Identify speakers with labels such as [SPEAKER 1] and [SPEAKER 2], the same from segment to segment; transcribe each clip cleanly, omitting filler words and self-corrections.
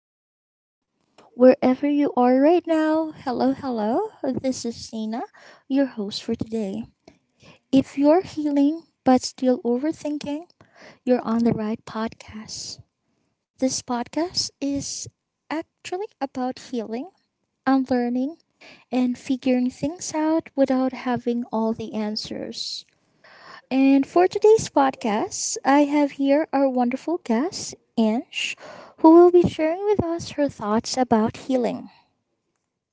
[SPEAKER 1] good morning, wherever you are right now. Hello, hello, this is Sina, your host for today. If you're healing but still overthinking, you're on the right podcast. This podcast is actually about healing, unlearning, and figuring things out without having all the answers. And for today's podcast, I have here our wonderful guest, Ange, who will be sharing with us her thoughts about healing.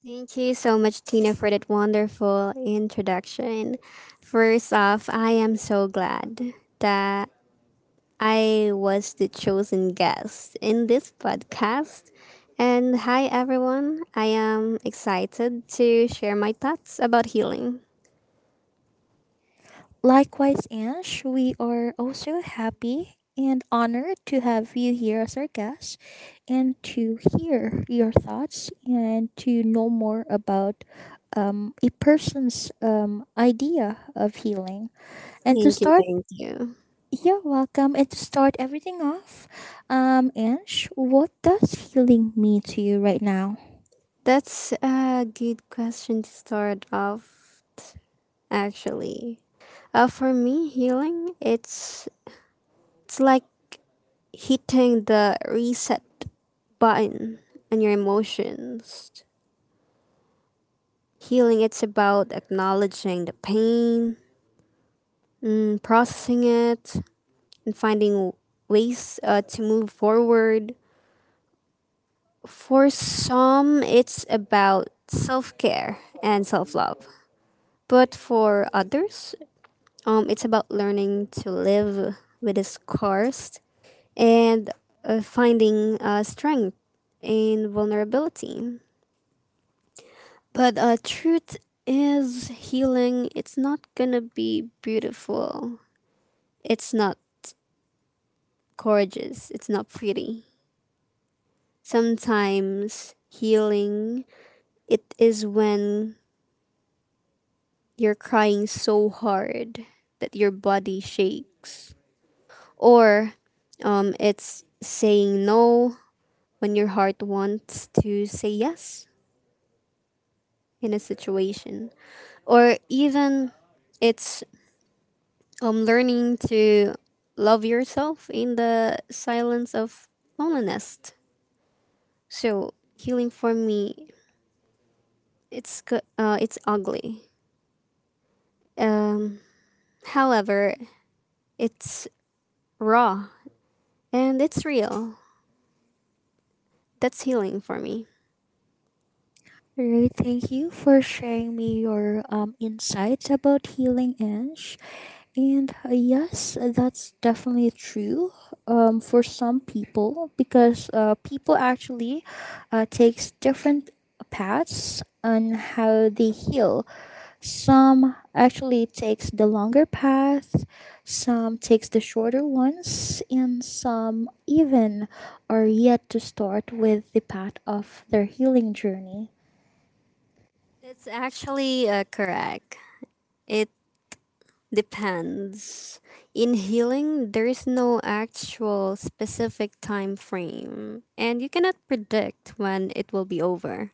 [SPEAKER 2] Thank you so much, Tina, for that wonderful introduction. First off, I am so glad that I was the chosen guest in this podcast. And hi, everyone. I am excited to share my thoughts about healing.
[SPEAKER 1] Likewise, Ange, we are also happy and honored to have you here as our guest and to hear your thoughts and to know more about a person's idea of healing. And to
[SPEAKER 2] Thank you,
[SPEAKER 1] start
[SPEAKER 2] thank you.
[SPEAKER 1] You're welcome. And to start everything off, Ange, what does healing mean to you right now?
[SPEAKER 2] That's a good question to start off, actually. For me, healing, it's like hitting the reset button on your emotions. Healing it's about acknowledging the pain, processing it, and finding ways to move forward. For some, it's about self care and self love. But for others, it's about learning to live with the scars and finding strength in vulnerability. But truth is healing. It's not gonna be beautiful. It's not gorgeous. It's not pretty. Sometimes healing it is when you're crying so hard that your body shakes, or it's saying no when your heart wants to say yes in a situation, or even it's learning to love yourself in the silence of loneliness. So healing for me, it's ugly. Um, however, it's raw and it's real. That's healing for me.
[SPEAKER 1] Right, thank you for sharing me your insights about healing, Ange. And yes, that's definitely true for some people because people actually takes different paths on how they heal. Some actually takes the longer path, some takes the shorter ones, and some even are yet to start with the path of their healing journey.
[SPEAKER 2] That's actually correct. It depends. In healing, there is no actual specific time frame, and you cannot predict when it will be over.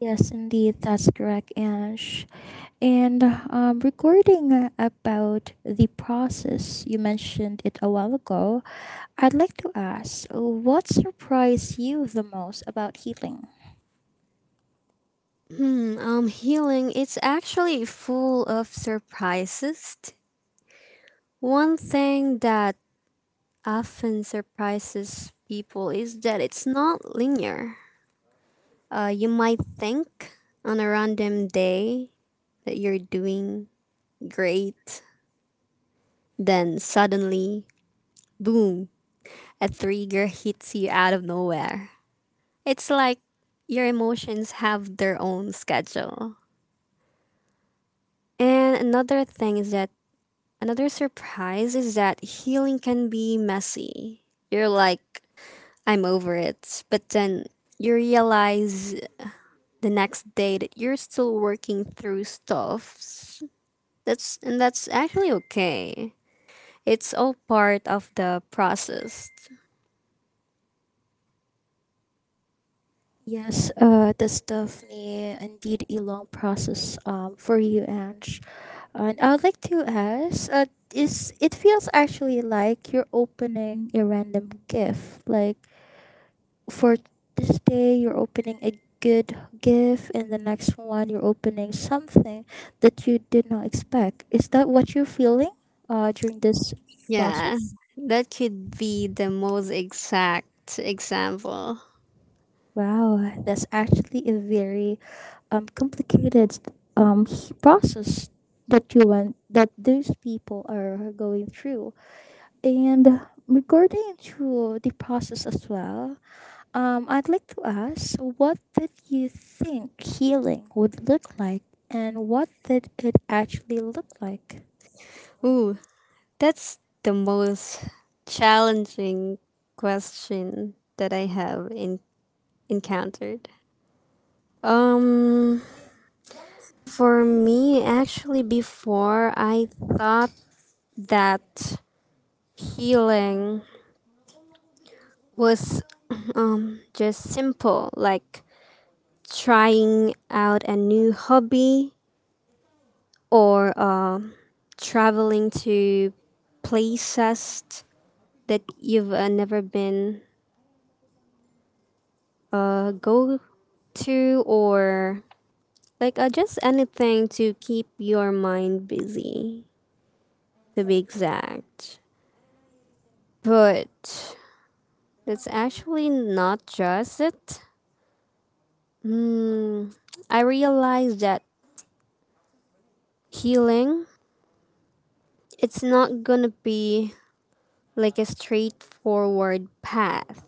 [SPEAKER 1] Yes, indeed, that's correct, Ange. And regarding about the process, you mentioned it a while ago. I'd like to ask, what surprised you the most about healing?
[SPEAKER 2] Healing, it's actually full of surprises. One thing that often surprises people is that it's not linear. You might think on a random day that you're doing great, then suddenly, boom, a trigger hits you out of nowhere. It's like your emotions have their own schedule. And another thing is that Another surprise is that healing can be messy. You're like, I'm over it. But then you realize the next day that you're still working through stuff. That's and that's actually okay. It's all part of the process.
[SPEAKER 1] Yes, that's definitely indeed a long process for you, Ange. And I'd like to ask, is it feels actually like you're opening a random gift, like for this day you're opening a good gift, and the next one you're opening something that you did not expect. Is that what you're feeling during this
[SPEAKER 2] Yeah.
[SPEAKER 1] process?
[SPEAKER 2] That could be the most exact example.
[SPEAKER 1] Wow, that's actually a very complicated process that you went, that those people are going through. And regarding to the process as well, I'd like to ask, what did you think healing would look like, and what did it actually look like?
[SPEAKER 2] Ooh, that's the most challenging question that I have encountered. Um, for me, actually, before I thought that healing was just simple, like trying out a new hobby or traveling to places that you've never been go to or like just anything to keep your mind busy to be exact but. That's actually not just it. Mm, I realized that healing, it's not gonna be like a straightforward path.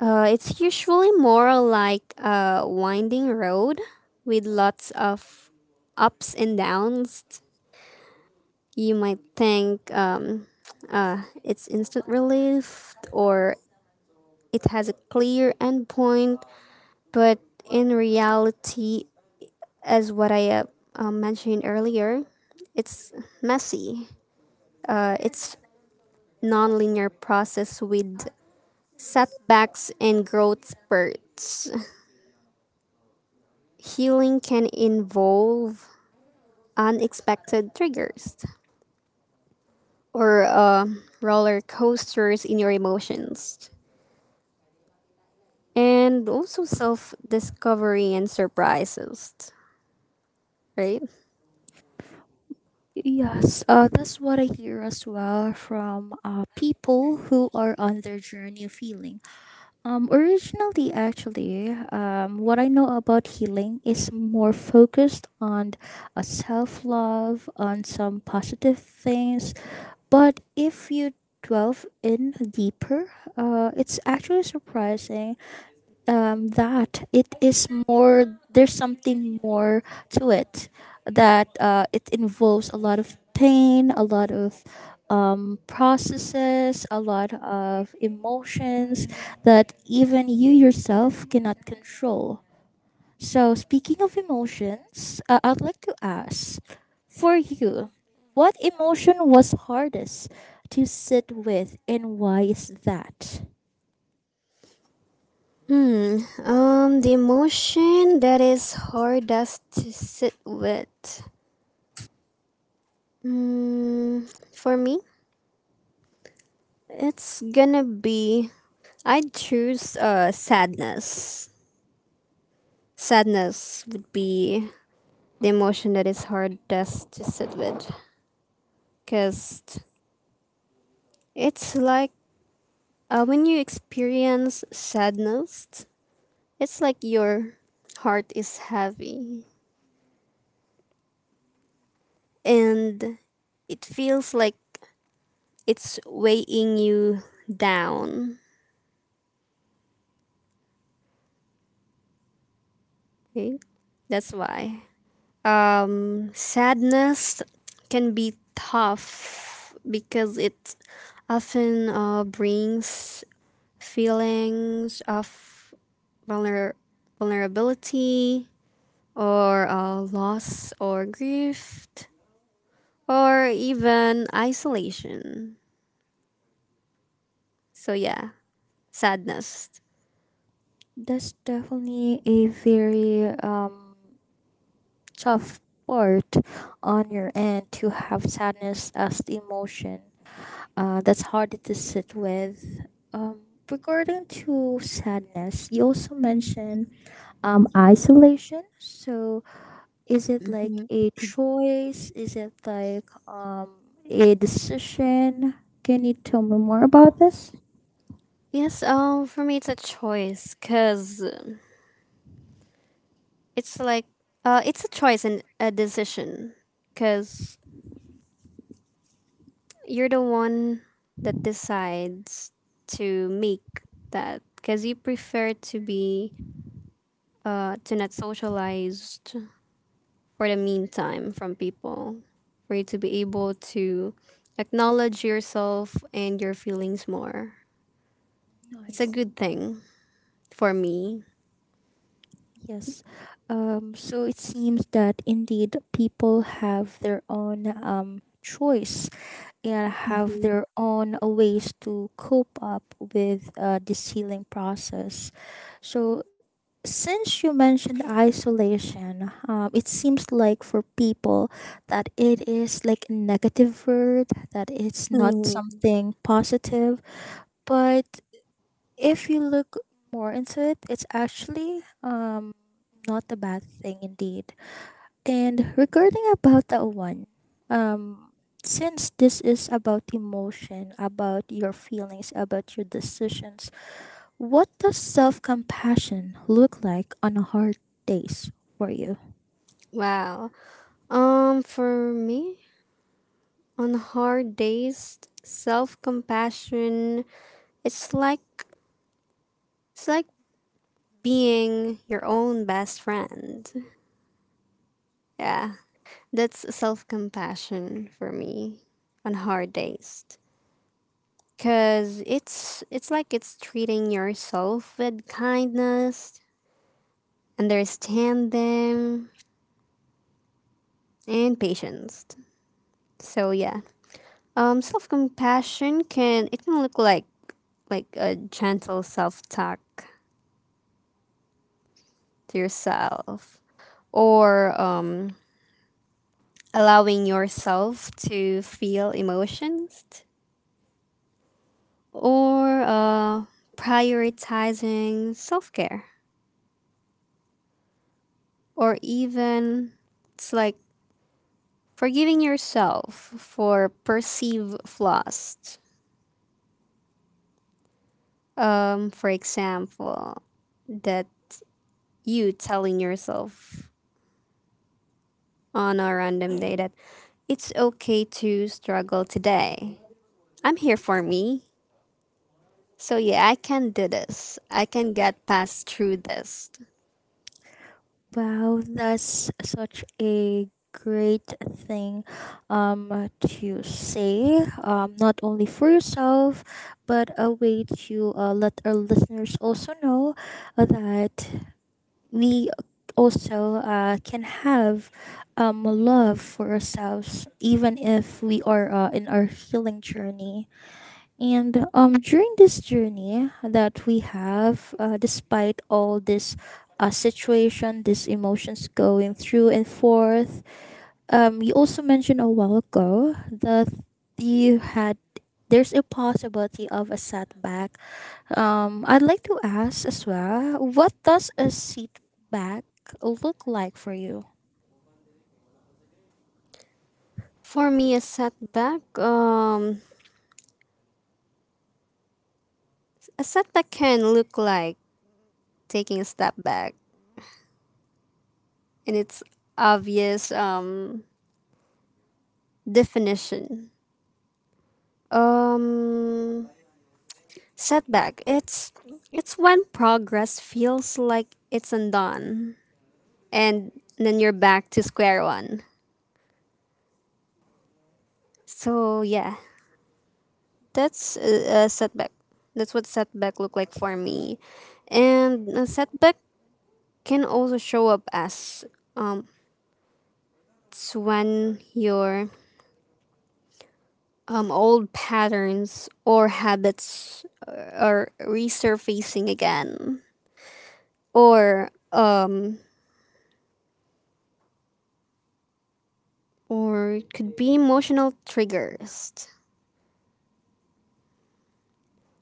[SPEAKER 2] It's usually more like a winding road with lots of ups and downs. You might think it's instant relief or it has a clear endpoint, but in reality, as what I mentioned earlier, it's messy. It's linear process with setbacks and growth spurts. Healing can involve unexpected triggers or roller coasters in your emotions, and also self discovery and surprises. Right.
[SPEAKER 1] Yes, that's what I hear as well from people who are on their journey of healing. Originally, actually, what I know about healing is more focused on self love, on some positive things. But if you delve in deeper, it's actually surprising that it is more, there's something more to it, that it involves a lot of pain, a lot of processes, a lot of emotions that even you yourself cannot control. So speaking of emotions, I'd like to ask, for you, what emotion was hardest to sit with, and why is that?
[SPEAKER 2] Hmm. The emotion that is hardest to sit with Mm, for me, it's gonna be. I'd choose sadness. Sadness would be the emotion that is hardest to sit with. Because it's like when you experience sadness, it's like your heart is heavy. And it feels like it's weighing you down. Okay? That's why. Sadness can be tough because it often brings feelings of vulner- vulnerability or loss or grief or even isolation. So, yeah, sadness.
[SPEAKER 1] That's definitely a very tough part on your end to have sadness as the emotion. That's harder to sit with. Regarding to sadness, you also mentioned isolation. So is it like
[SPEAKER 2] Mhm.
[SPEAKER 1] a choice? Is it like a decision? Can you tell me more about this?
[SPEAKER 2] Yes, for me it's a choice because it's like, it's a choice and a decision because you're the one that decides to make that because you prefer to be to not socialized for the meantime from people for you to be able to acknowledge yourself and your feelings more.
[SPEAKER 1] No, I
[SPEAKER 2] It's a good
[SPEAKER 1] see.
[SPEAKER 2] thing for me.
[SPEAKER 1] Yes. So it seems that indeed people have their own choice and have
[SPEAKER 2] Mhm.
[SPEAKER 1] their own ways to cope up with this healing process. So, since you mentioned isolation, it seems like for people that it is like a negative word, that it's not
[SPEAKER 2] Mhm.
[SPEAKER 1] something positive. But if you look more into it, it's actually not a bad thing indeed. And regarding about that one, um since this is about emotion, about your feelings, about your decisions, what does self compassion look like on a hard days for you?
[SPEAKER 2] Wow. For me, on hard days, self compassion, it's like it's like being your own best friend. Yeah, that's self compassion for me on hard days. Cause it's treating yourself with kindness, understanding, and patience. So yeah, self compassion can look like a gentle self talk to yourself, or allowing yourself to feel emotions or prioritizing self care, or even it's like forgiving yourself for perceived flaws. For example, that you telling yourself on a random day that it's okay to struggle today. I'm here for me. So, yeah, I can do this. I can get past through this.
[SPEAKER 1] Wow, that's such a great thing to say, not only for yourself but a way to let our listeners also know that we also can have love for ourselves, even if we are in our healing journey. And during this journey that we have, despite all this situation, these emotions going through and forth, you also mentioned a while ago that you had, there's a possibility of a setback. I'd like to ask as well, what does a setback look like for you?
[SPEAKER 2] For me, a setback, a setback can look like taking a step back in its obvious definition. Um, Setback. It's when progress feels like it's undone, and then you're back to square one. So yeah, that's a setback. That's what setback look like for me, and a setback can also show up as um, it's when you're old patterns or habits are resurfacing again or um or it could be emotional triggers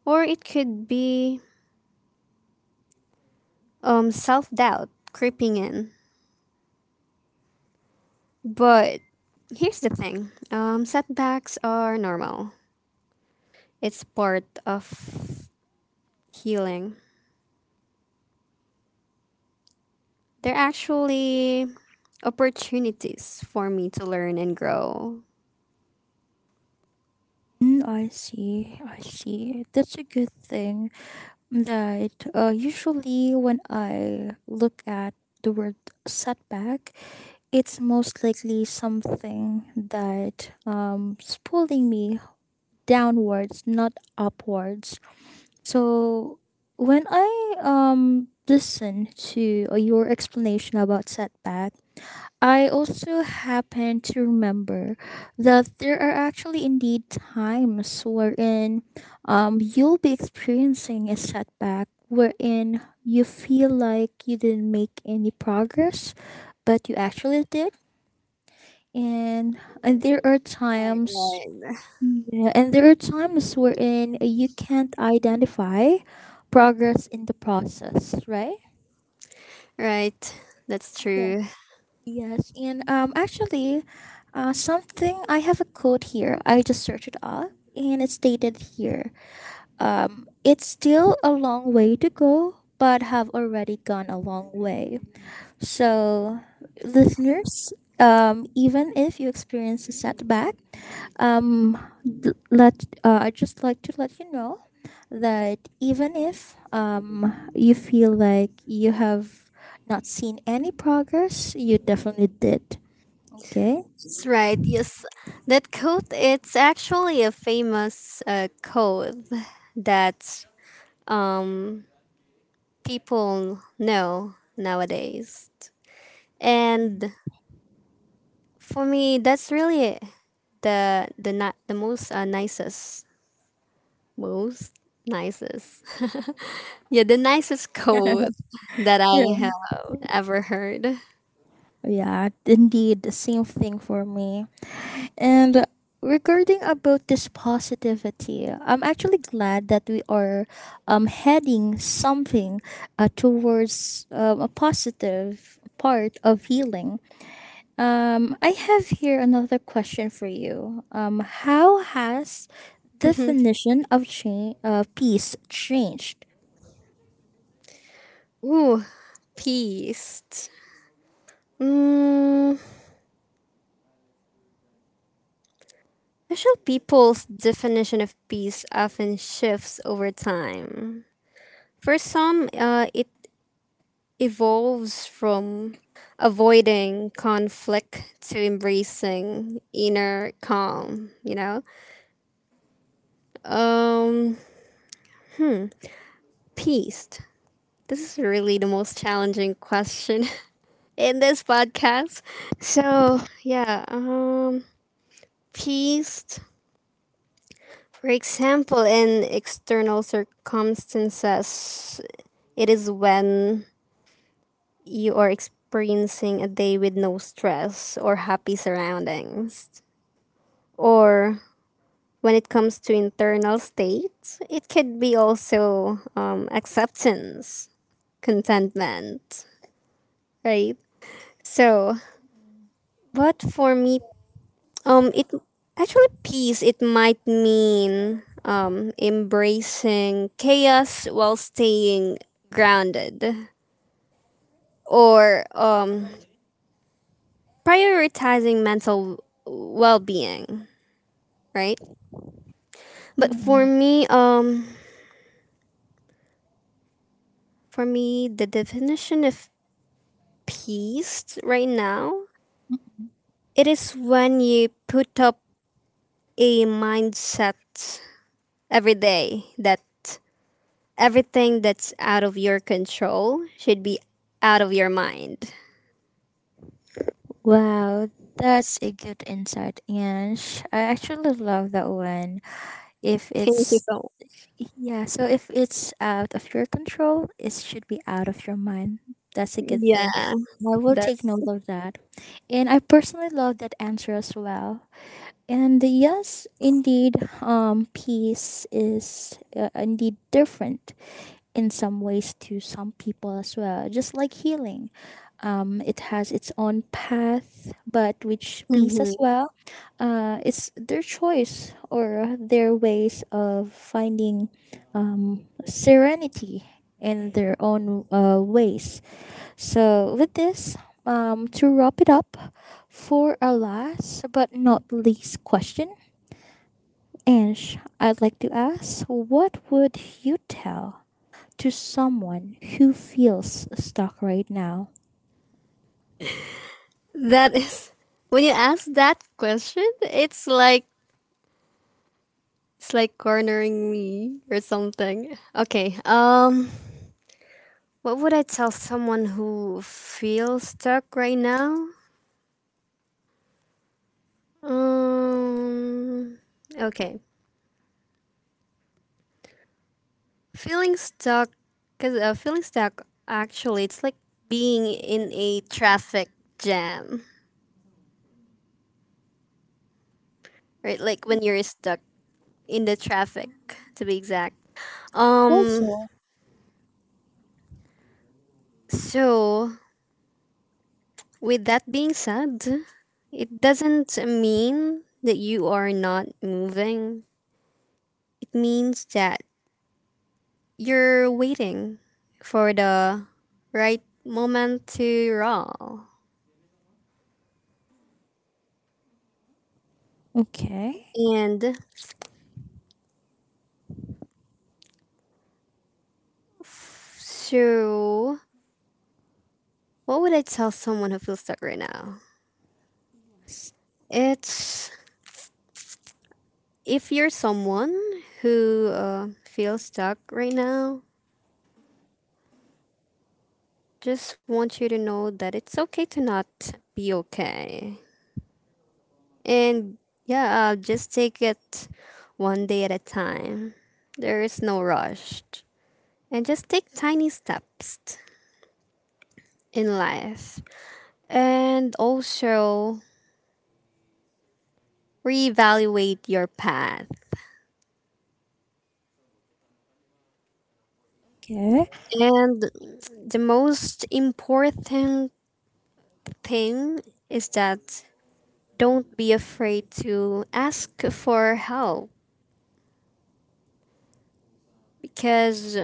[SPEAKER 2] or it could be self-doubt creeping in but here's the thing, setbacks are normal. It's part of healing. They're actually opportunities for me to learn and grow.
[SPEAKER 1] I see. I see. That's a good thing. That usually when I look at the word setback, it's most likely something that is pulling me downwards, not upwards. So when I listen to your explanation about setback, I also happen to remember that there are actually indeed times wherein you'll be experiencing a setback, wherein you feel like you didn't make any progress, but you actually did. And, and there are
[SPEAKER 2] right
[SPEAKER 1] times,
[SPEAKER 2] right
[SPEAKER 1] yeah, and there are times wherein you can't identify progress in the process, right?
[SPEAKER 2] Right. That's true.
[SPEAKER 1] Yes, and actually, something, I have a quote here. I just searched it up, and it's stated here. It's still a long way to go, but have already gone a long way. So, listeners, even if you experience a setback, um, d- let I just like to let you know that even if you feel like you have not seen any progress, you definitely did. Okay.
[SPEAKER 2] That's right. Yes, that quote. It's actually a famous quote that um people know nowadays. And for me, that's really the most nicest yeah the nicest quote that
[SPEAKER 1] Yeah.
[SPEAKER 2] I have ever heard.
[SPEAKER 1] Yeah, indeed, the same thing for me. And regarding about this positivity, I'm actually glad that we are heading something towards a positive part of healing. I have here another question for you. How has
[SPEAKER 2] Mhm.
[SPEAKER 1] definition of change peace changed?
[SPEAKER 2] Ooh, peace. Mm, Actually, people's definition of peace often shifts over time. For some, it evolves from avoiding conflict to embracing inner calm, you know? Um, Peace. This is really the most challenging question in this podcast. So, yeah, peace. For example, in external circumstances, it is when you are experiencing a day with no stress or happy surroundings. Or when it comes to internal state, it could be also acceptance, contentment, right? So, but for me it actually peace. It might mean embracing chaos while staying grounded, or prioritizing mental well-being, right? But for me, um, for me, the definition of peace right now it is when you put up a mindset every day that everything that's out of your control should be out of your mind.
[SPEAKER 1] Wow, that's a good insight, Ange. I actually love that one. If
[SPEAKER 2] Thank you
[SPEAKER 1] it's
[SPEAKER 2] so much.
[SPEAKER 1] Yeah, so if it's out of your control, it should be out of your mind. That's a good thing.
[SPEAKER 2] Yeah,
[SPEAKER 1] I will take
[SPEAKER 2] that's
[SPEAKER 1] note of that. And I personally love that answer as well. And yes, indeed, peace is indeed different in some ways to some people as well, just like healing. It has its own path, but which piece as
[SPEAKER 2] mhm.
[SPEAKER 1] well, it's their choice or their ways of finding serenity in their own ways. So, with this, to wrap it up for our last but not least question, Ange, I'd like to ask, what would you tell to someone who feels stuck right now?
[SPEAKER 2] that is when you ask that question, it's like cornering me or something. Okay, what would I tell someone who feels stuck right now? Um okay. Feeling stuck, cause feeling stuck actually it's like being in a traffic jam, right? Like when you're stuck in the traffic, to be exact. Um.
[SPEAKER 1] Also,
[SPEAKER 2] So with that being said, it doesn't mean that you are not moving. It means that you're waiting for the right moment to roll.
[SPEAKER 1] okay,
[SPEAKER 2] And so What would I tell someone who feels stuck right now?
[SPEAKER 1] s-
[SPEAKER 2] It's if you're someone who feels stuck right now, just want you to know that it's okay to not be okay. And yeah, just take it one day at a time. There is no rush. And just take tiny steps in life. And also reevaluate your path.
[SPEAKER 1] okay,
[SPEAKER 2] And the most important thing is that don't be afraid to ask for help because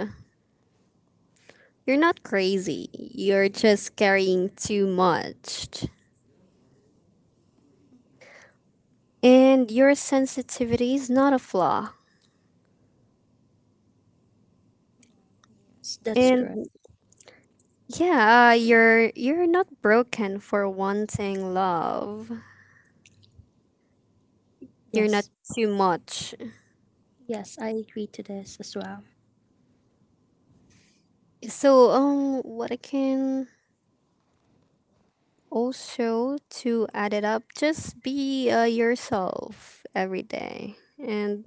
[SPEAKER 2] you're not crazy. You're just carrying too much. And your sensitivity is not a flaw.
[SPEAKER 1] That's
[SPEAKER 2] And
[SPEAKER 1] correct.
[SPEAKER 2] yeah, you're not broken for wanting love. You're not
[SPEAKER 1] Yes.
[SPEAKER 2] too much.
[SPEAKER 1] Yes, I agree to this as well.
[SPEAKER 2] So what I can also to add it up, just be yourself every day. And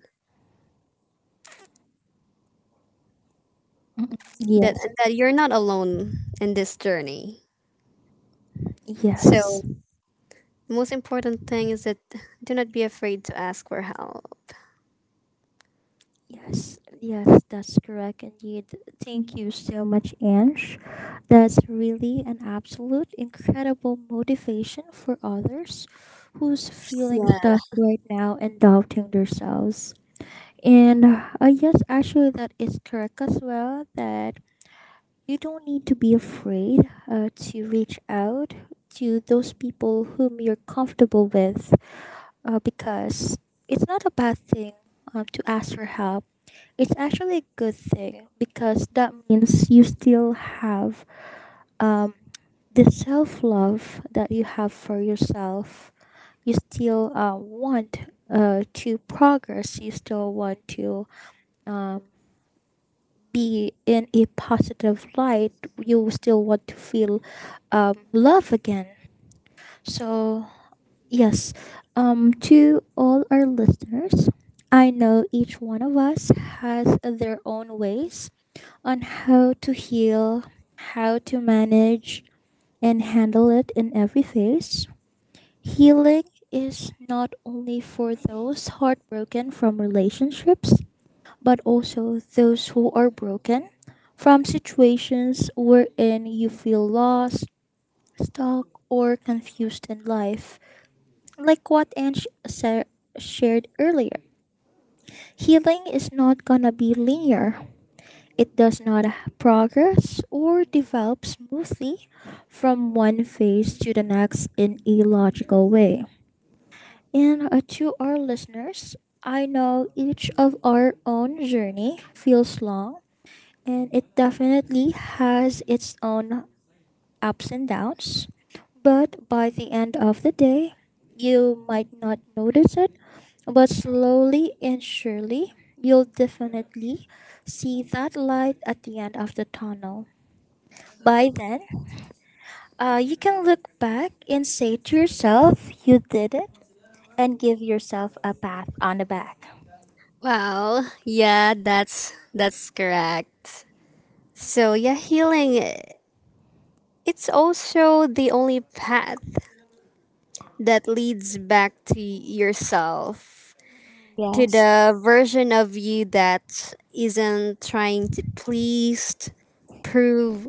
[SPEAKER 1] Mm,
[SPEAKER 2] that
[SPEAKER 1] yes,
[SPEAKER 2] that you're not alone in this journey. So
[SPEAKER 1] yes,
[SPEAKER 2] most important thing is that do not be afraid to ask for help.
[SPEAKER 1] yes, yes, that's correct indeed. Thank you so much, Ange. That's really an absolute incredible motivation for others who's feeling
[SPEAKER 2] Yeah.
[SPEAKER 1] stuck right now and doubting themselves. And yes, actually, that is correct as well. That you don't need to be afraid to reach out to those people whom you're comfortable with, because it's not a bad thing to ask for help. It's actually a good thing because that means you still have um, the self love that you have for yourself. You still want to progress, you still want to um, be in a positive light, you still want to feel love again. So, yes, to all our listeners, I know each one of us has their own ways on how to heal, how to manage and handle it in every phase. Healing is not only for those heartbroken from relationships, but also those who are broken from situations wherein you feel lost, stuck, or confused in life. Like what Ange shared earlier, healing is not gonna be linear. It does not progress or develop smoothly from one phase to the next in a logical way. And to our listeners, I know each of our own journey feels long and it definitely has its own ups and downs. But by the end of the day, you might not notice it, but slowly and surely, you'll definitely see that light at the end of the tunnel. By then, you can look back and say to yourself, you did it, and give yourself a pat on the back.
[SPEAKER 2] Well, yeah, that's correct. So yeah, healing, it's also the only path that leads back to yourself, to
[SPEAKER 1] Yes.
[SPEAKER 2] the version of you that isn't trying to please, prove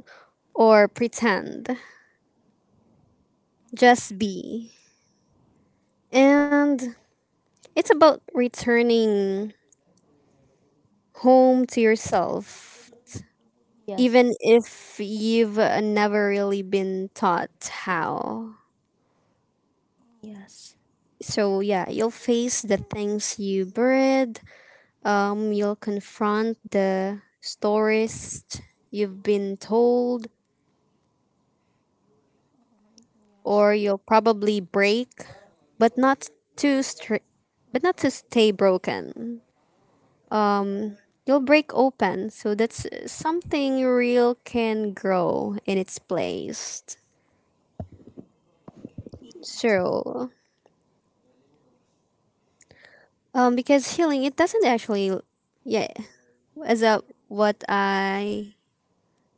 [SPEAKER 2] or pretend. Just be. And it's about returning home to yourself,
[SPEAKER 1] Yes.
[SPEAKER 2] even if you've never really been taught how.
[SPEAKER 1] Yes.
[SPEAKER 2] So, yeah, you'll face the things you buried, you'll confront the stories you've been told, or you'll probably break, but not to str- but not to stay broken. um, you'll break open. So that's something real can grow in its place. So, because healing, it doesn't actually, yeah, as a what I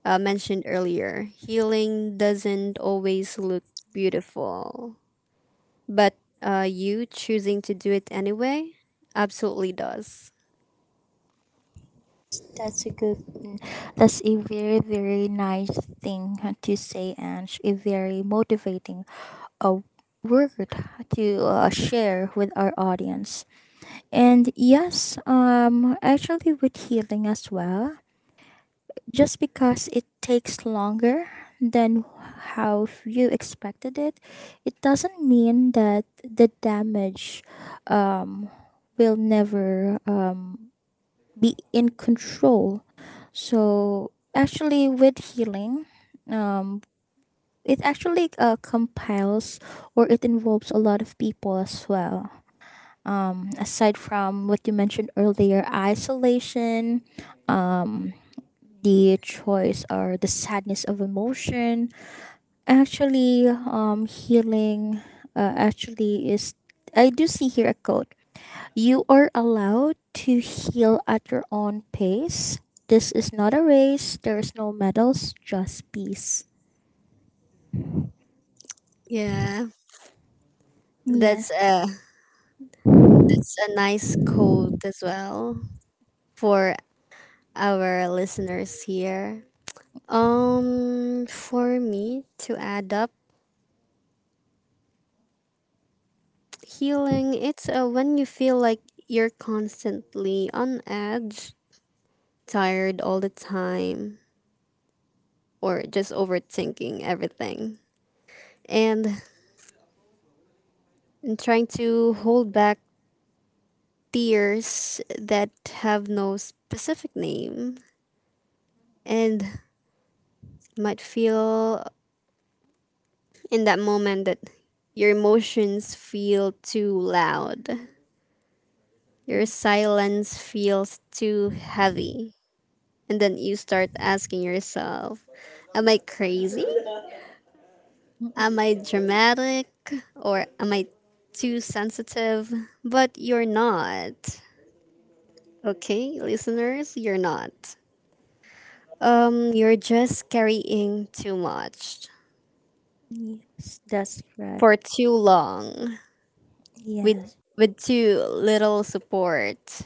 [SPEAKER 2] mentioned earlier, healing doesn't always look beautiful, but you choosing to do it anyway absolutely does.
[SPEAKER 1] That's a good. That's a very very nice thing to say, and a very motivating uh, word to share with our audience. And yes, actually with healing as well, just because it takes longer than how you expected it, it doesn't mean that the damage, um, will never be in control. So actually, with healing, um, it actually compiles or it involves a lot of people as well. Aside from what you mentioned earlier, isolation, um, the choice or the sadness of emotion. Actually, healing actually is. I do see here a quote: you are allowed to heal at your own pace. This is not a race. There's no medals, just peace.
[SPEAKER 2] Yeah,
[SPEAKER 1] Yeah.
[SPEAKER 2] that's a, it's a nice quote as well for our listeners here. For me to add up healing, it's when you feel like you're constantly on edge, tired all the time, or just overthinking everything, and, and trying to hold back tears that have no specific name, and might feel in that moment that your emotions feel too loud. Your silence feels too heavy. And then you start asking yourself, am I crazy?
[SPEAKER 1] Mm,
[SPEAKER 2] Am I dramatic? Or am I too sensitive? But you're not. Okay, listeners, you're not. You're just carrying too much
[SPEAKER 1] yes, that's
[SPEAKER 2] for
[SPEAKER 1] correct.
[SPEAKER 2] too long with
[SPEAKER 1] Yes,
[SPEAKER 2] too little support.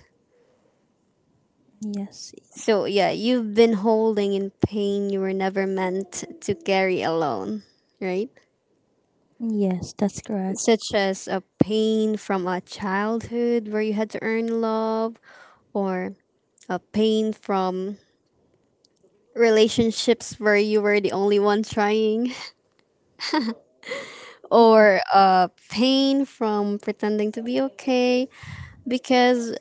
[SPEAKER 1] yes,
[SPEAKER 2] So, yeah, you've been holding in pain you were never meant to carry alone, right?
[SPEAKER 1] yes, that's correct.
[SPEAKER 2] Such as a pain from a childhood where you had to earn love, or a pain from relationships where you were the only one trying,
[SPEAKER 1] Yes,
[SPEAKER 2] or a pain from pretending to be okay because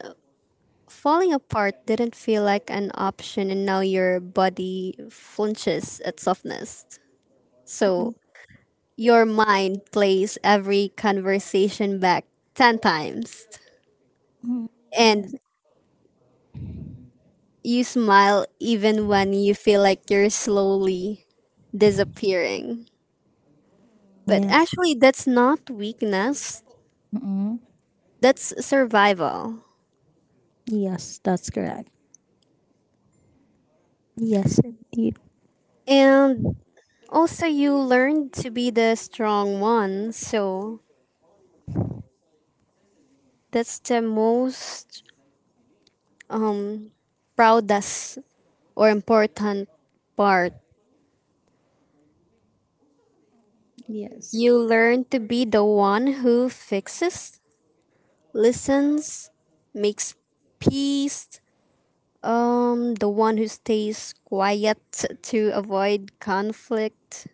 [SPEAKER 2] falling apart didn't feel like an option and now your body flinches at softness.
[SPEAKER 1] mm,
[SPEAKER 2] So your mind plays every conversation back 10 times.
[SPEAKER 1] mm, yes,
[SPEAKER 2] And you smile even when you feel like you're slowly disappearing. But
[SPEAKER 1] yes,
[SPEAKER 2] actually, that's not weakness,
[SPEAKER 1] mm,
[SPEAKER 2] that's survival.
[SPEAKER 1] yes, that's correct. Yes, indeed.
[SPEAKER 2] And also, you learn to be the strong one. So that's the most um, proudest or important part.
[SPEAKER 1] Yes,
[SPEAKER 2] You learn to be the one who fixes, listens, makes peace. The one who stays quiet to avoid conflict.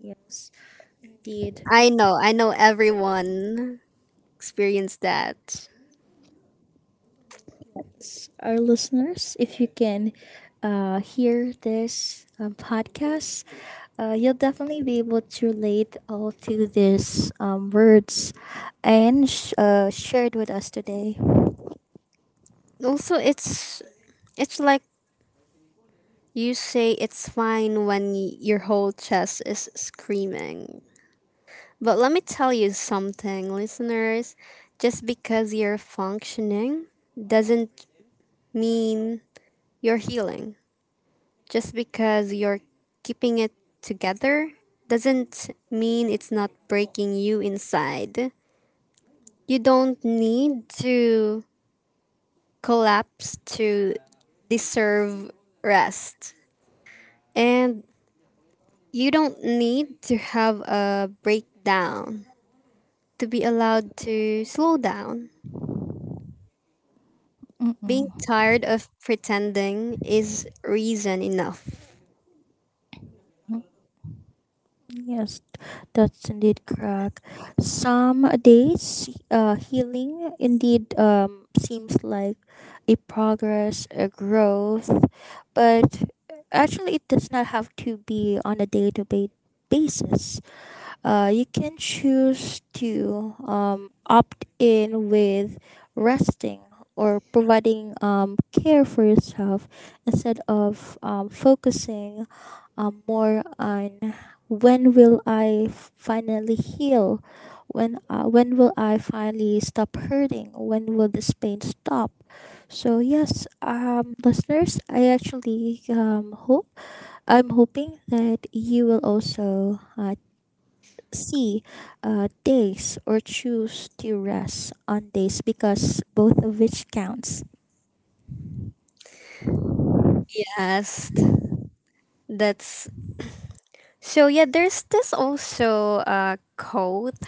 [SPEAKER 1] yes, indeed.
[SPEAKER 2] I know everyone experienced that.
[SPEAKER 1] Yes. Our listeners, if you can hear this podcast, you'll definitely be able to relate all to these words and shared with us today.
[SPEAKER 2] Also, it's like you say it's fine when your whole chest is screaming. But let me tell you something, listeners. Just because you're functioning doesn't mean you're healing. Just because you're keeping it together doesn't mean it's not breaking you inside. You don't need to collapse to deserve rest. And you don't need to have a breakdown to be allowed to slow down.
[SPEAKER 1] Mm-mm.
[SPEAKER 2] Being tired of pretending is reason enough.
[SPEAKER 1] Yes, that's indeed correct. Some days, healing indeed seems like a progress, a growth, but actually, it does not have to be on a day to day basis. You can choose to opt in with resting or providing care for yourself instead of focusing more on when will I finally heal? When will I finally stop hurting? When will this pain stop? So yes, listeners, I actually hope I'm hoping that you will also C. Days or choose to rest on days because both of which counts.
[SPEAKER 2] Yes, that's so. Yeah, there's this also a quote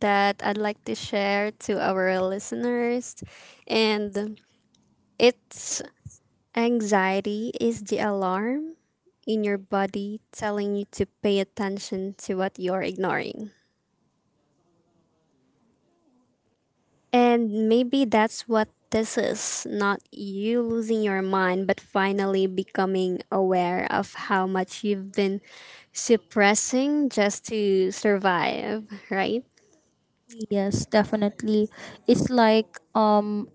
[SPEAKER 2] that I'd like to share to our listeners. And it's, anxiety is the alarm in your body telling you to pay attention to what you're ignoring. And maybe that's what this is, not you losing your mind, but finally becoming aware of how much you've been suppressing just to survive, right?
[SPEAKER 1] Yes, definitely. It's like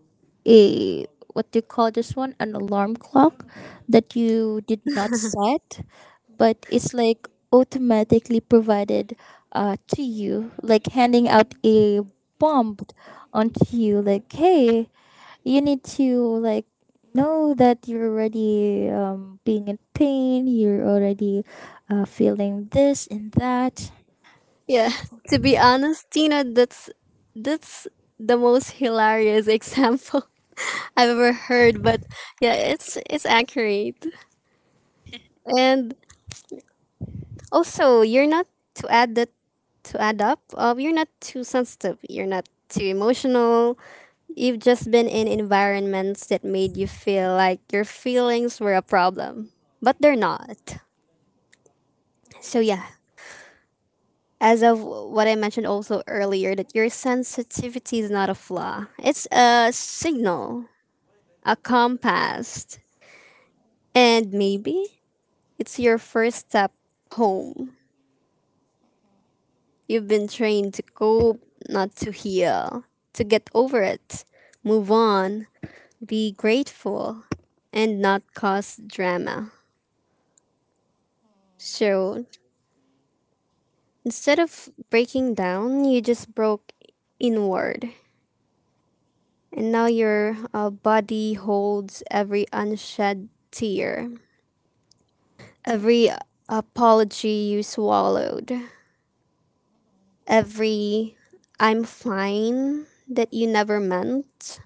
[SPEAKER 1] a what do you call this one? An alarm clock that you did not set, but it's like automatically provided to you, like handing out a bomb onto you, like hey, you need to like know that you're already being in pain you're already feeling this and that.
[SPEAKER 2] Yeah, to be honest, Tina, that's the most hilarious example I've ever heard. But yeah, it's accurate. And also, you're not to add that to add up. You're not too sensitive. You're not too emotional. You've just been in environments that made you feel like your feelings were a problem, but they're not. So yeah, as of what I mentioned also earlier, that your sensitivity is not a flaw. It's a signal, a compass, and maybe it's your first step home. You've been trained to cope, not to heal, to get over it, move on, be grateful, and not cause drama. So instead of breaking down, you just broke inward. And now your body holds every unshed tear, every apology you swallowed, every I'm fine that you never meant,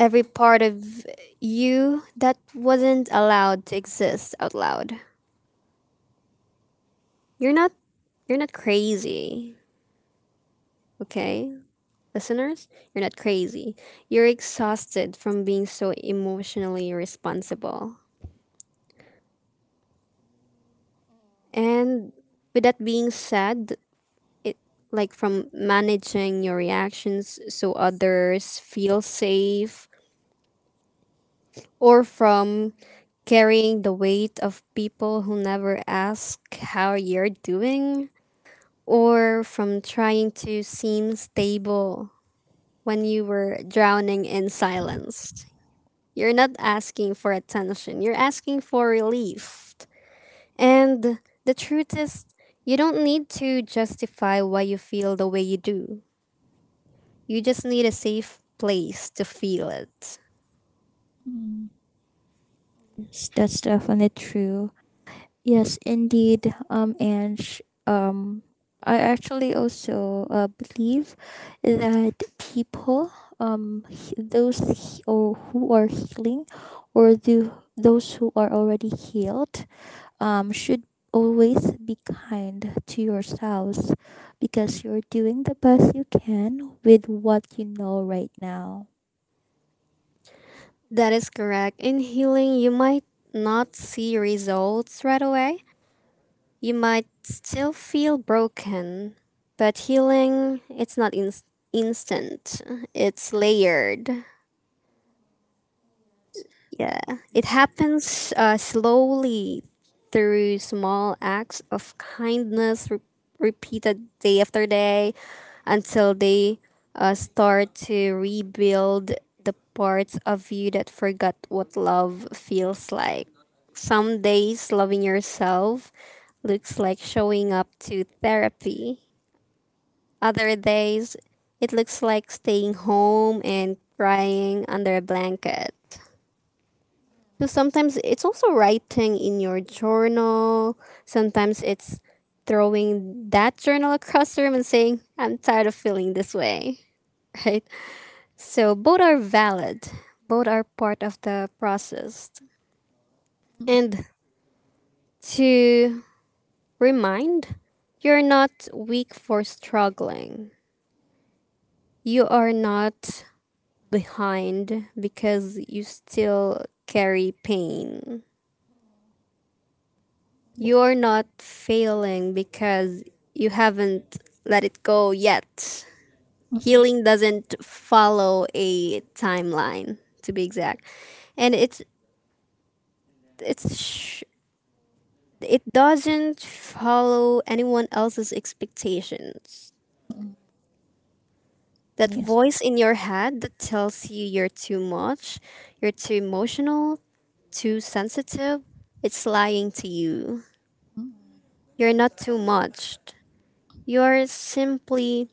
[SPEAKER 2] every part of you that wasn't allowed to exist out loud. You're not you're not crazy, okay? Listeners, you're not crazy. You're exhausted from being so emotionally irresponsible. And with that being said, it, like, from managing your reactions so others feel safe, or from carrying the weight of people who never ask how you're doing, or from trying to seem stable when you were drowning in silence, you're not asking for attention, you're asking for relief. And the truth is, you don't need to justify why you feel the way you do. You just need a safe place to feel it.
[SPEAKER 1] Mm. Yes, that's definitely true, yes indeed, um I actually also believe that people he- those he- or who are healing or the those who are already healed, should always be kind to yourselves because you're doing the best you can with what you know right now.
[SPEAKER 2] That is correct. In healing, you might not see results right away. You might still feel broken, but healing, it's not instant. It's layered. Yeah, it happens slowly, through small acts of kindness repeated day after day until they start to rebuild the parts of you that forgot what love feels like. Some days, loving yourself looks like showing up to therapy. Other days, it looks like staying home and crying under a blanket. So sometimes it's also writing in your journal. Sometimes it's throwing that journal across the room and saying, I'm tired of feeling this way. Right? So both are valid, both are part of the process. And to remind, you're not weak for struggling. You are not behind because you still carry pain. You're not failing because you haven't let it go yet. Healing doesn't follow a timeline, to be exact, and it's sh- it doesn't follow anyone else's expectations. That
[SPEAKER 1] Yes.
[SPEAKER 2] voice in your head that tells you you're too much, you're too emotional, too sensitive, it's lying to you. You're not too much. You're simply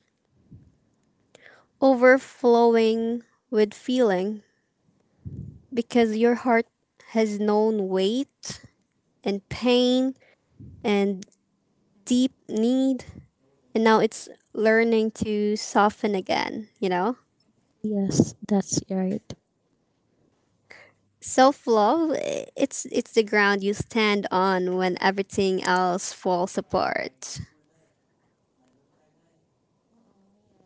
[SPEAKER 2] overflowing with feeling because your heart has known weight and pain and deep need, and now it's learning to soften again, you know?
[SPEAKER 1] Yes, that's right.
[SPEAKER 2] Self love, it's the ground you stand on when everything else falls apart.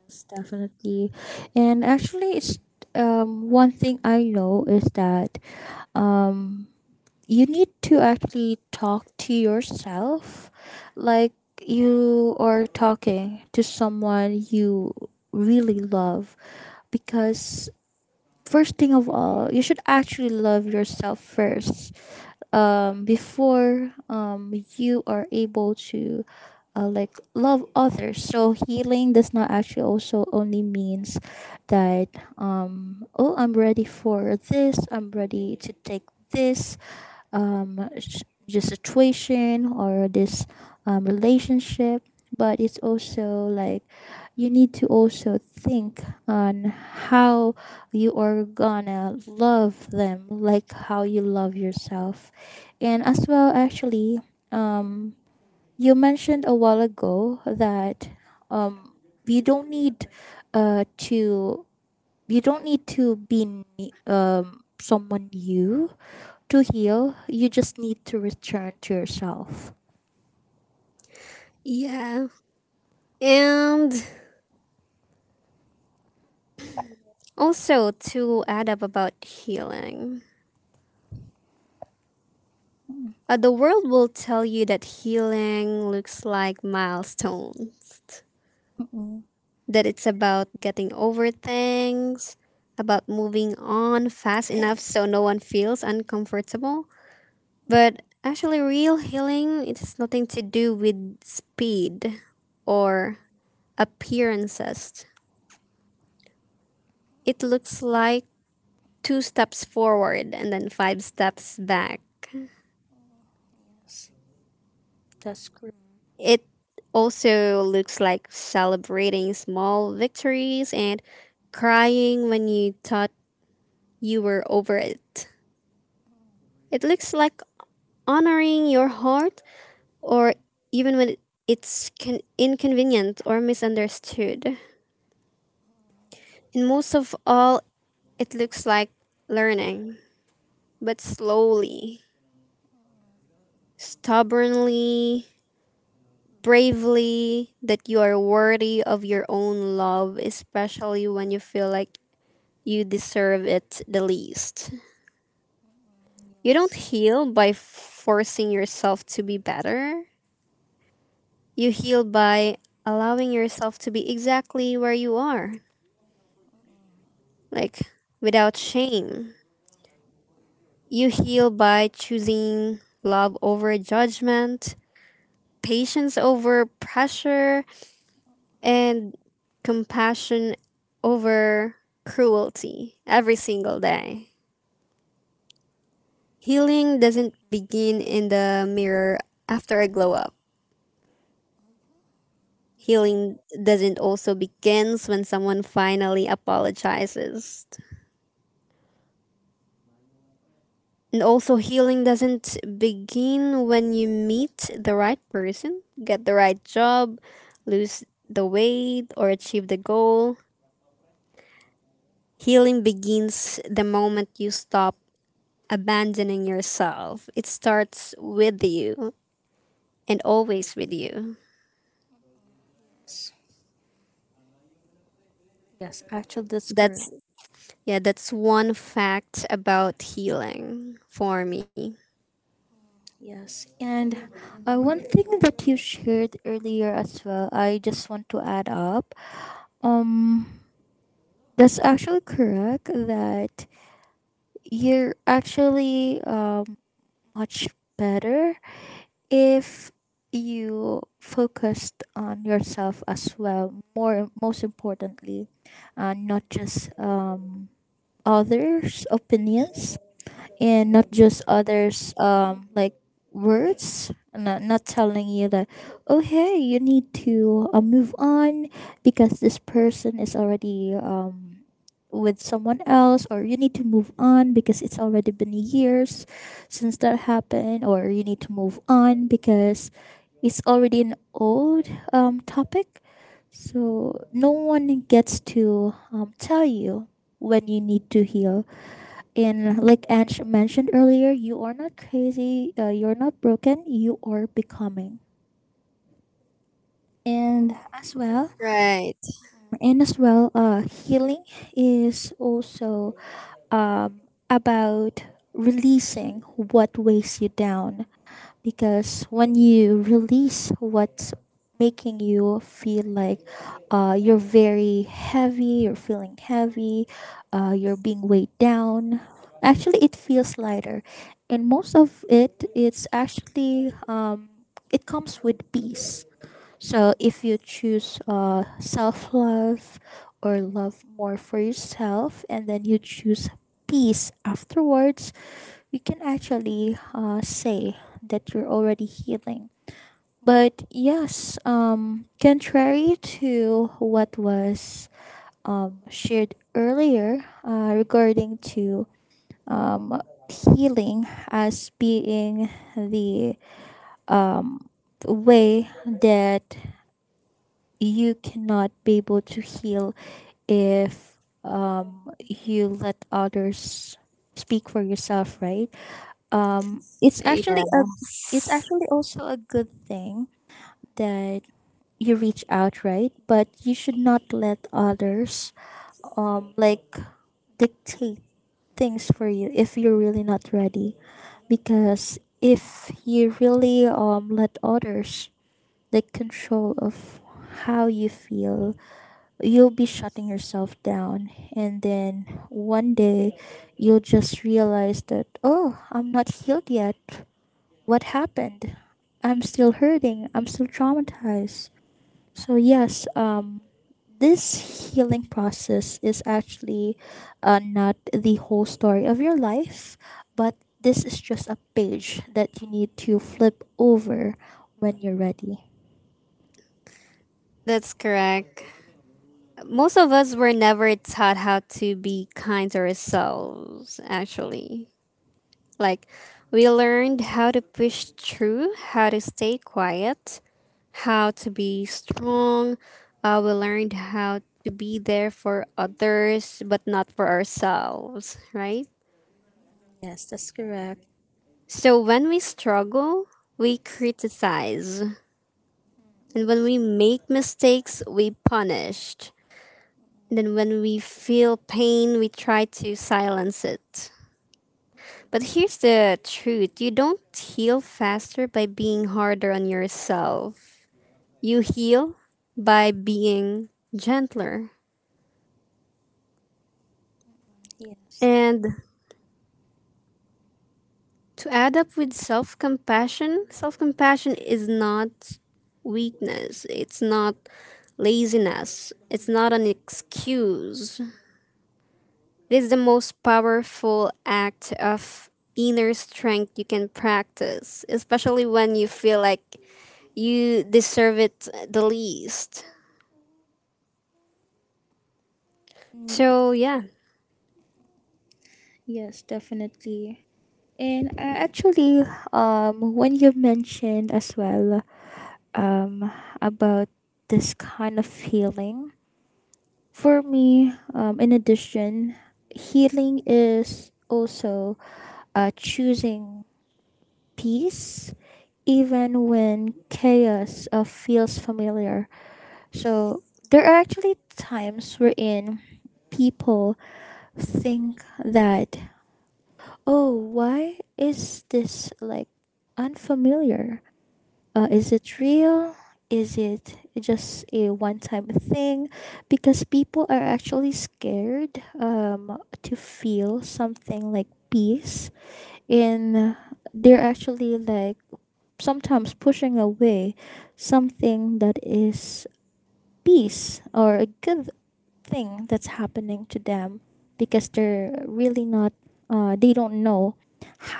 [SPEAKER 1] It's definitely. And actually, it's, one thing I know is that, um, you need to actually talk to yourself like you are talking to someone you really love, because first thing of all, you should actually love yourself first before you are able to like love others. So healing does not actually also only means that, oh I'm ready for this. I'm ready to take this um s- just situation or this relationship, but it's also like you need to also think on how you are gonna love them like how you love yourself. And as well actually um you mentioned a while ago that um you don't need to you don't need to be someone new to heal. You just need to return to yourself.
[SPEAKER 2] Yeah. And also, to add up about healing. The world will tell you that healing looks like milestones,
[SPEAKER 1] Mm-mm.
[SPEAKER 2] that it's about getting over things, about moving on fast enough so no one feels uncomfortable. But actually, real healing, it has nothing to do with speed or appearances. It looks like two steps forward and then five steps back.
[SPEAKER 1] Yes, that's correct.
[SPEAKER 2] It also looks like celebrating small victories and crying when you thought you were over it. It looks like honoring your heart, or even when it's inconvenient or misunderstood. And most of all, it looks like learning, but slowly, stubbornly, bravely, that you are worthy of your own love, especially when you feel like you deserve it the least. You don't heal by forcing yourself to be better. You heal by allowing yourself to be exactly where you are, like, without shame. You heal by choosing love over judgment, patience over pressure, and compassion over cruelty every single day. Healing doesn't begin in the mirror after a glow up. Healing doesn't also begins when someone finally apologizes. And also, healing doesn't begin when you meet the right person, get the right job, lose the weight, or achieve the goal. Healing begins the moment you stop abandoning yourself. It starts with you and always with you.
[SPEAKER 1] Yes. Yes, actually, that's
[SPEAKER 2] That's,
[SPEAKER 1] correct.
[SPEAKER 2] yeah, that's one fact about healing for me.
[SPEAKER 1] Yes. And one thing that you shared earlier as well, I just want to add up. Um, that's actually correct that you're actually, much better if you focused on yourself as well more most importantly, not just, others opinions, and not just others like words, not, not telling you that oh hey you need to move on because this person is already with someone else, or you need to move on because it's already been years since that happened, or you need to move on because it's already an old, topic. So no one gets to tell you when you need to heal. In like Ange mentioned earlier, you are not crazy, you're not broken, you are becoming. And as well,
[SPEAKER 2] Right.
[SPEAKER 1] and as well healing is also, um, about releasing what weighs you down, because when you release what's making you feel like, you're very heavy, you're feeling heavy, you're being weighed down, actually it feels lighter. And most of it, it's actually, it comes with peace. So if you choose self love or love more for yourself, and then you choose peace afterwards, you can actually say that you're already healing. But yes, contrary to what was, shared earlier regarding to, um, healing as being the, um, way that you cannot be able to heal if, you let others speak for yourself, right? It's actually a it's
[SPEAKER 2] Yes.
[SPEAKER 1] actually also a good thing that you reach out, right? But you should not let others, like dictate things for you if you're really not ready. Because if you really, let others like control of how you feel, you'll be shutting yourself down and then one day you'll just realize that oh I'm not healed yet, what happened, I'm still hurting, I'm still traumatized. So yes, this healing process is actually, not the whole story of your life, but this is just a page that you need to flip over when you're ready.
[SPEAKER 2] That's correct. Most of us were never taught how to be kind to ourselves, actually. Like, we learned how to push through, how to stay quiet, how to be strong. We learned how to be there for others, but not for ourselves, right?
[SPEAKER 1] Yes.
[SPEAKER 2] So, when we struggle, we criticize. And when we make mistakes, we punished. And then when we feel pain, we try to silence it. But here's the truth, you don't heal faster by being harder on yourself. You heal by being gentler.
[SPEAKER 1] Yes.
[SPEAKER 2] And to add up with self compassion is not weakness, it's not laziness, it's not an excuse. This is the most powerful act of inner strength you can practice, especially when you feel like you deserve it the least.
[SPEAKER 1] Mm,
[SPEAKER 2] So, yeah.
[SPEAKER 1] yes definitely. And actually, when you mentioned as well, um, about this kind of healing, for me, in addition, healing is also choosing peace even when chaos feels familiar. So there are actually times wherein people think that, oh, why is this like unfamiliar? Is it real? Is it just a one time thing? Because people are actually scared, to feel something like peace, and they're actually like sometimes pushing away something that is peace or a good thing that's happening to them, because they're really not, they don't know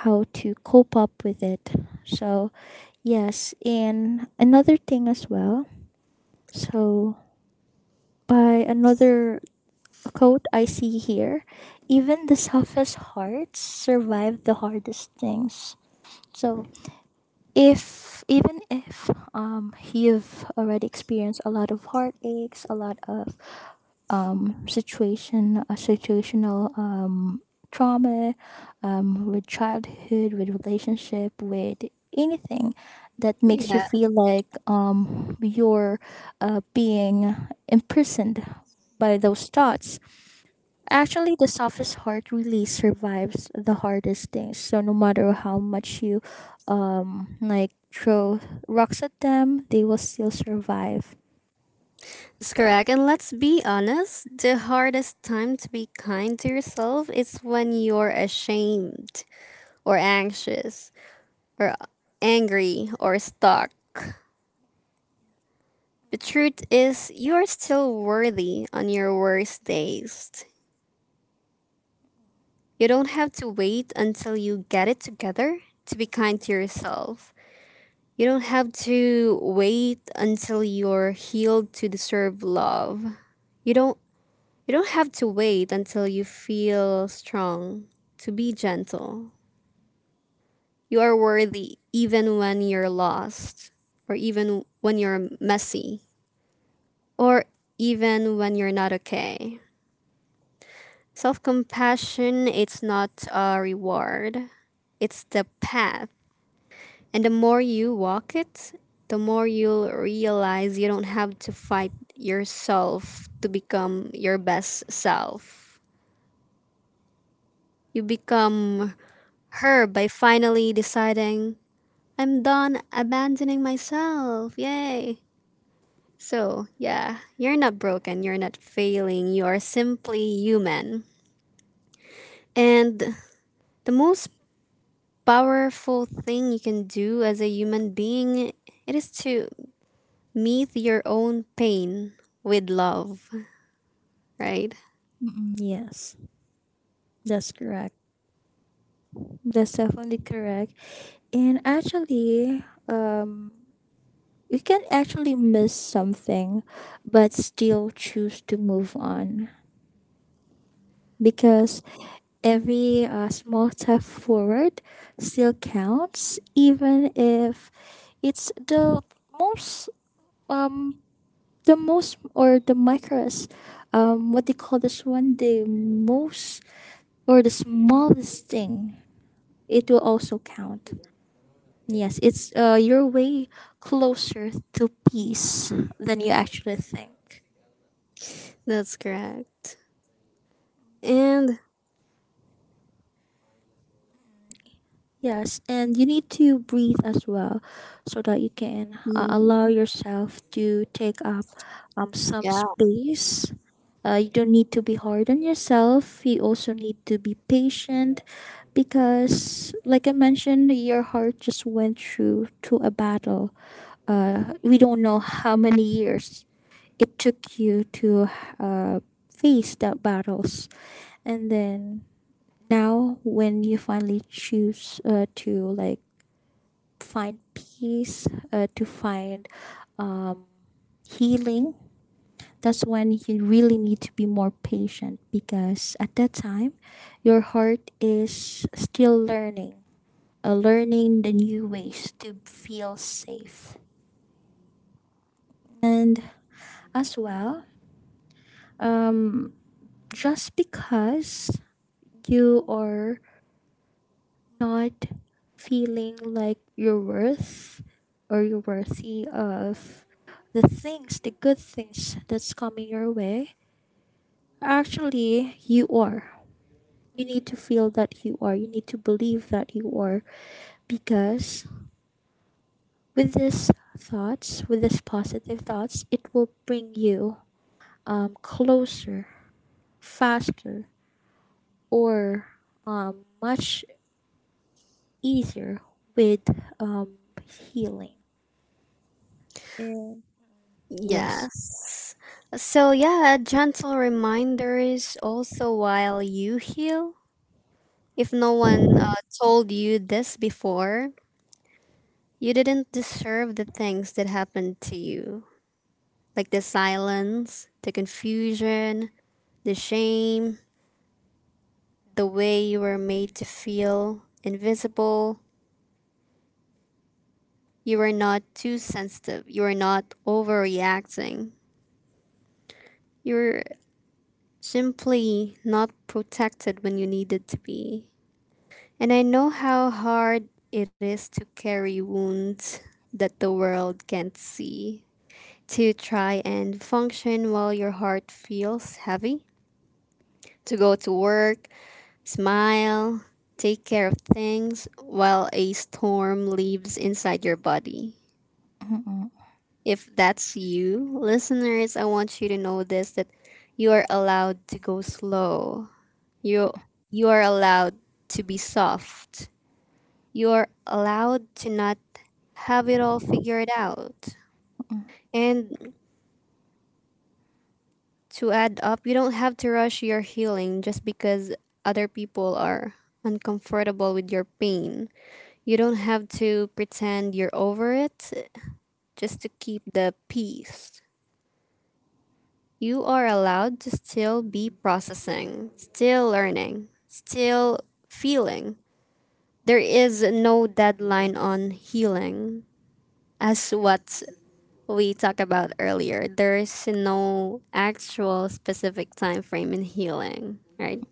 [SPEAKER 1] how to cope up with it. So yes, and another thing as well, so by another quote I see here, even the toughest hearts survive the hardest things. So if even if, you've already experienced a lot of heartaches, a lot of, situational, trauma, with childhood, with relationship, with anything that makes you
[SPEAKER 2] Yeah,
[SPEAKER 1] feel like, you're being imprisoned by those thoughts. Actually, the softest heart really survives the hardest things. So no matter how much you, like throw rocks at them, they will still survive.
[SPEAKER 2] that's correct. And let's be honest, the hardest time to be kind to yourself is when you're ashamed or anxious or angry or stuck. The truth is, you're still worthy on your worst days. You don't have to wait until you get it together to be kind to yourself. You don't have to wait until you're healed to deserve love. You don't you don't have to wait until you feel strong to be gentle. You are worthy even when you're lost or even when you're messy or even when you're not okay. Self-compassion, it's not a reward. It's the path. And the more you walk it, the more you'll realize you don't have to fight yourself to become your best self. You become her by finally deciding, I'm done abandoning myself. Yay. So, yeah, you're not broken, you're not failing, you are simply human. And the most powerful thing you can do as a human being, it is to meet your own pain with love, right?
[SPEAKER 1] Mm, yes, that's correct. That's definitely correct. And actually, you can actually miss something, but still choose to move on, because every small step forward still counts, even if it's the most, um the most or the micros what they call this one, the most or the smallest thing, it will also count. Yes, it's you're way closer to peace than you actually think.
[SPEAKER 2] That's correct. And
[SPEAKER 1] Yes, and you need to breathe as well, so that you can allow
[SPEAKER 2] mm,
[SPEAKER 1] yourself to take up, some
[SPEAKER 2] yeah,
[SPEAKER 1] space. You don't need to be hard on yourself. You also need to be patient, because, like I mentioned, your heart just went through to a battle. We don't know how many years it took you to, uh, face the battles, and then now when you finally choose to like find peace to find, um, healing. That's when you really need to be more patient, because at that time your heart is still learning, learning the new ways to feel safe. And as well, um, just because you are not feeling like you're worth or you're worthy of the things, the good things that's coming your way, actually, you are. You need to feel that you are. You need to believe that you are. Because with these thoughts, with these positive thoughts, it will bring you, closer, faster, or, much easier with, um, healing. Uh, yes.
[SPEAKER 2] yes. So yeah, a gentle reminder is also while you heal. If no one told you this before, you didn't deserve the things that happened to you, like the silence, the confusion, the shame, the way you were made to feel invisible. You are not too sensitive. You are not overreacting. You're simply not protected when you needed to be. And I know how hard it is to carry wounds that the world can't see, to try and function while your heart feels heavy, to go to work, smile, take care of things while a storm leaves inside your body.
[SPEAKER 1] Mm-mm.
[SPEAKER 2] If that's you, listeners, I want you to know this, that you are allowed to go slow. You you are allowed to be soft. You are allowed to not have it all figured out. And to add up, you don't have to rush your healing just because other people are uncomfortable with your pain. You don't have to pretend you're over it just to keep the peace. You are allowed to still be processing, still learning, still feeling. There is no deadline on healing. As what we talked about earlier, there is no actual specific time frame in healing, right?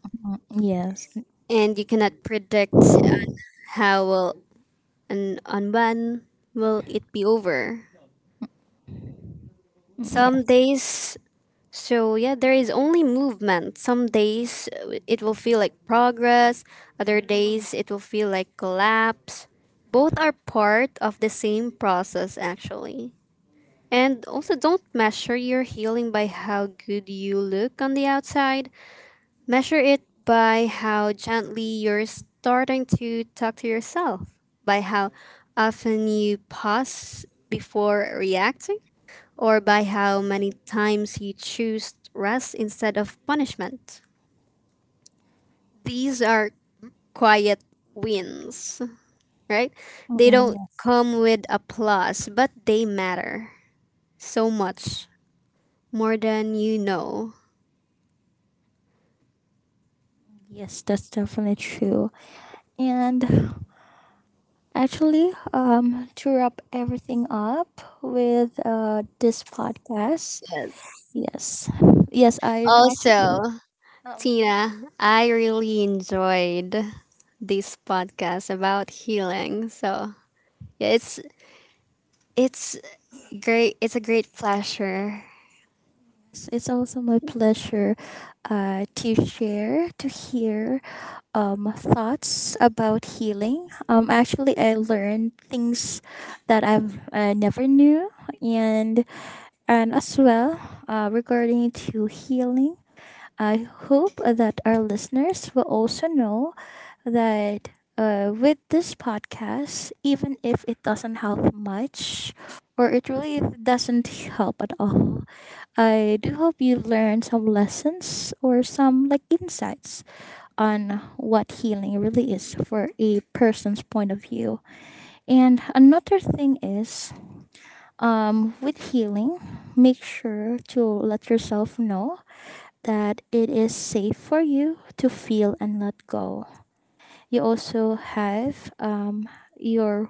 [SPEAKER 1] Yes,
[SPEAKER 2] And you cannot predict how will and on when will it be over. Some
[SPEAKER 1] yes.
[SPEAKER 2] days So, yeah, there is only movement. Some days it will feel like progress, other days it will feel like collapse. Both are part of the same process, actually. And also, don't measure your healing by how good you look on the outside, measure it by how gently you're starting to talk to yourself, by how often you pause before reacting, or by how many times you choose rest instead of punishment. These are quiet wins, right? They
[SPEAKER 1] Mm-mm.
[SPEAKER 2] don't
[SPEAKER 1] Yes,
[SPEAKER 2] come with applause, but they matter so much more than you know.
[SPEAKER 1] yes. That's definitely true. And actually, to wrap everything up with this podcast,
[SPEAKER 2] Yes.
[SPEAKER 1] yes, yes, I'm
[SPEAKER 2] Also,
[SPEAKER 1] actually um.
[SPEAKER 2] Tina, I really enjoyed this podcast about healing. So yeah, it's great. It's a great pleasure.
[SPEAKER 1] Yes, it's also my pleasure to share, to hear, thoughts about healing. Actually, I learned things that I've never knew, and And as well, regarding to healing, I hope that our listeners will also know that with this podcast, even if it doesn't help much or it really doesn't help at all, I do hope you learn some lessons or some like insights on what healing really is for a person's point of view. And another thing is, with healing, make sure to let yourself know that it is safe for you to feel and let go. You also have, your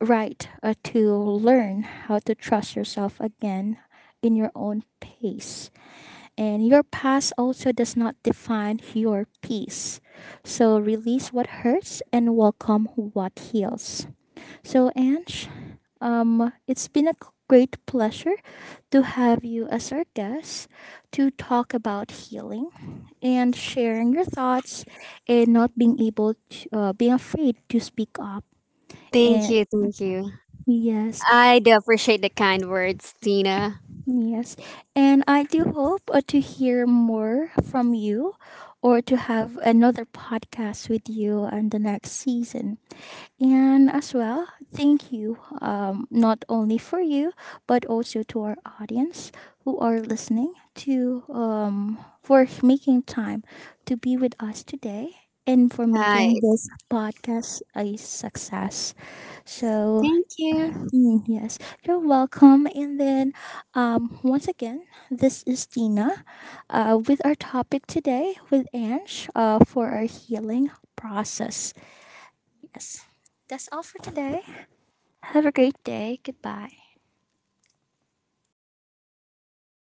[SPEAKER 1] right to learn how to trust yourself again in your own pace. And your past also does not define your peace. So release what hurts and welcome what heals. So, Ange, it's been a great pleasure to have you as our guest to talk about healing and sharing your thoughts and not being able to, being afraid to speak up.
[SPEAKER 2] Thank
[SPEAKER 1] And
[SPEAKER 2] you, thank you.
[SPEAKER 1] yes,
[SPEAKER 2] I do appreciate the kind words, Tina.
[SPEAKER 1] yes. And I do hope to hear more from you or to have another podcast with you on the next season. And as well, thank you, not only for you, but also to our audience who are listening to, for making time to be with us today and for making
[SPEAKER 2] Right.
[SPEAKER 1] this podcast a success. So,
[SPEAKER 2] Thank you.
[SPEAKER 1] mm, yes, you're welcome. And then, once again, this is Tina with our topic today with Ange for our healing process. Yes, that's all for today. Have a great day. Goodbye.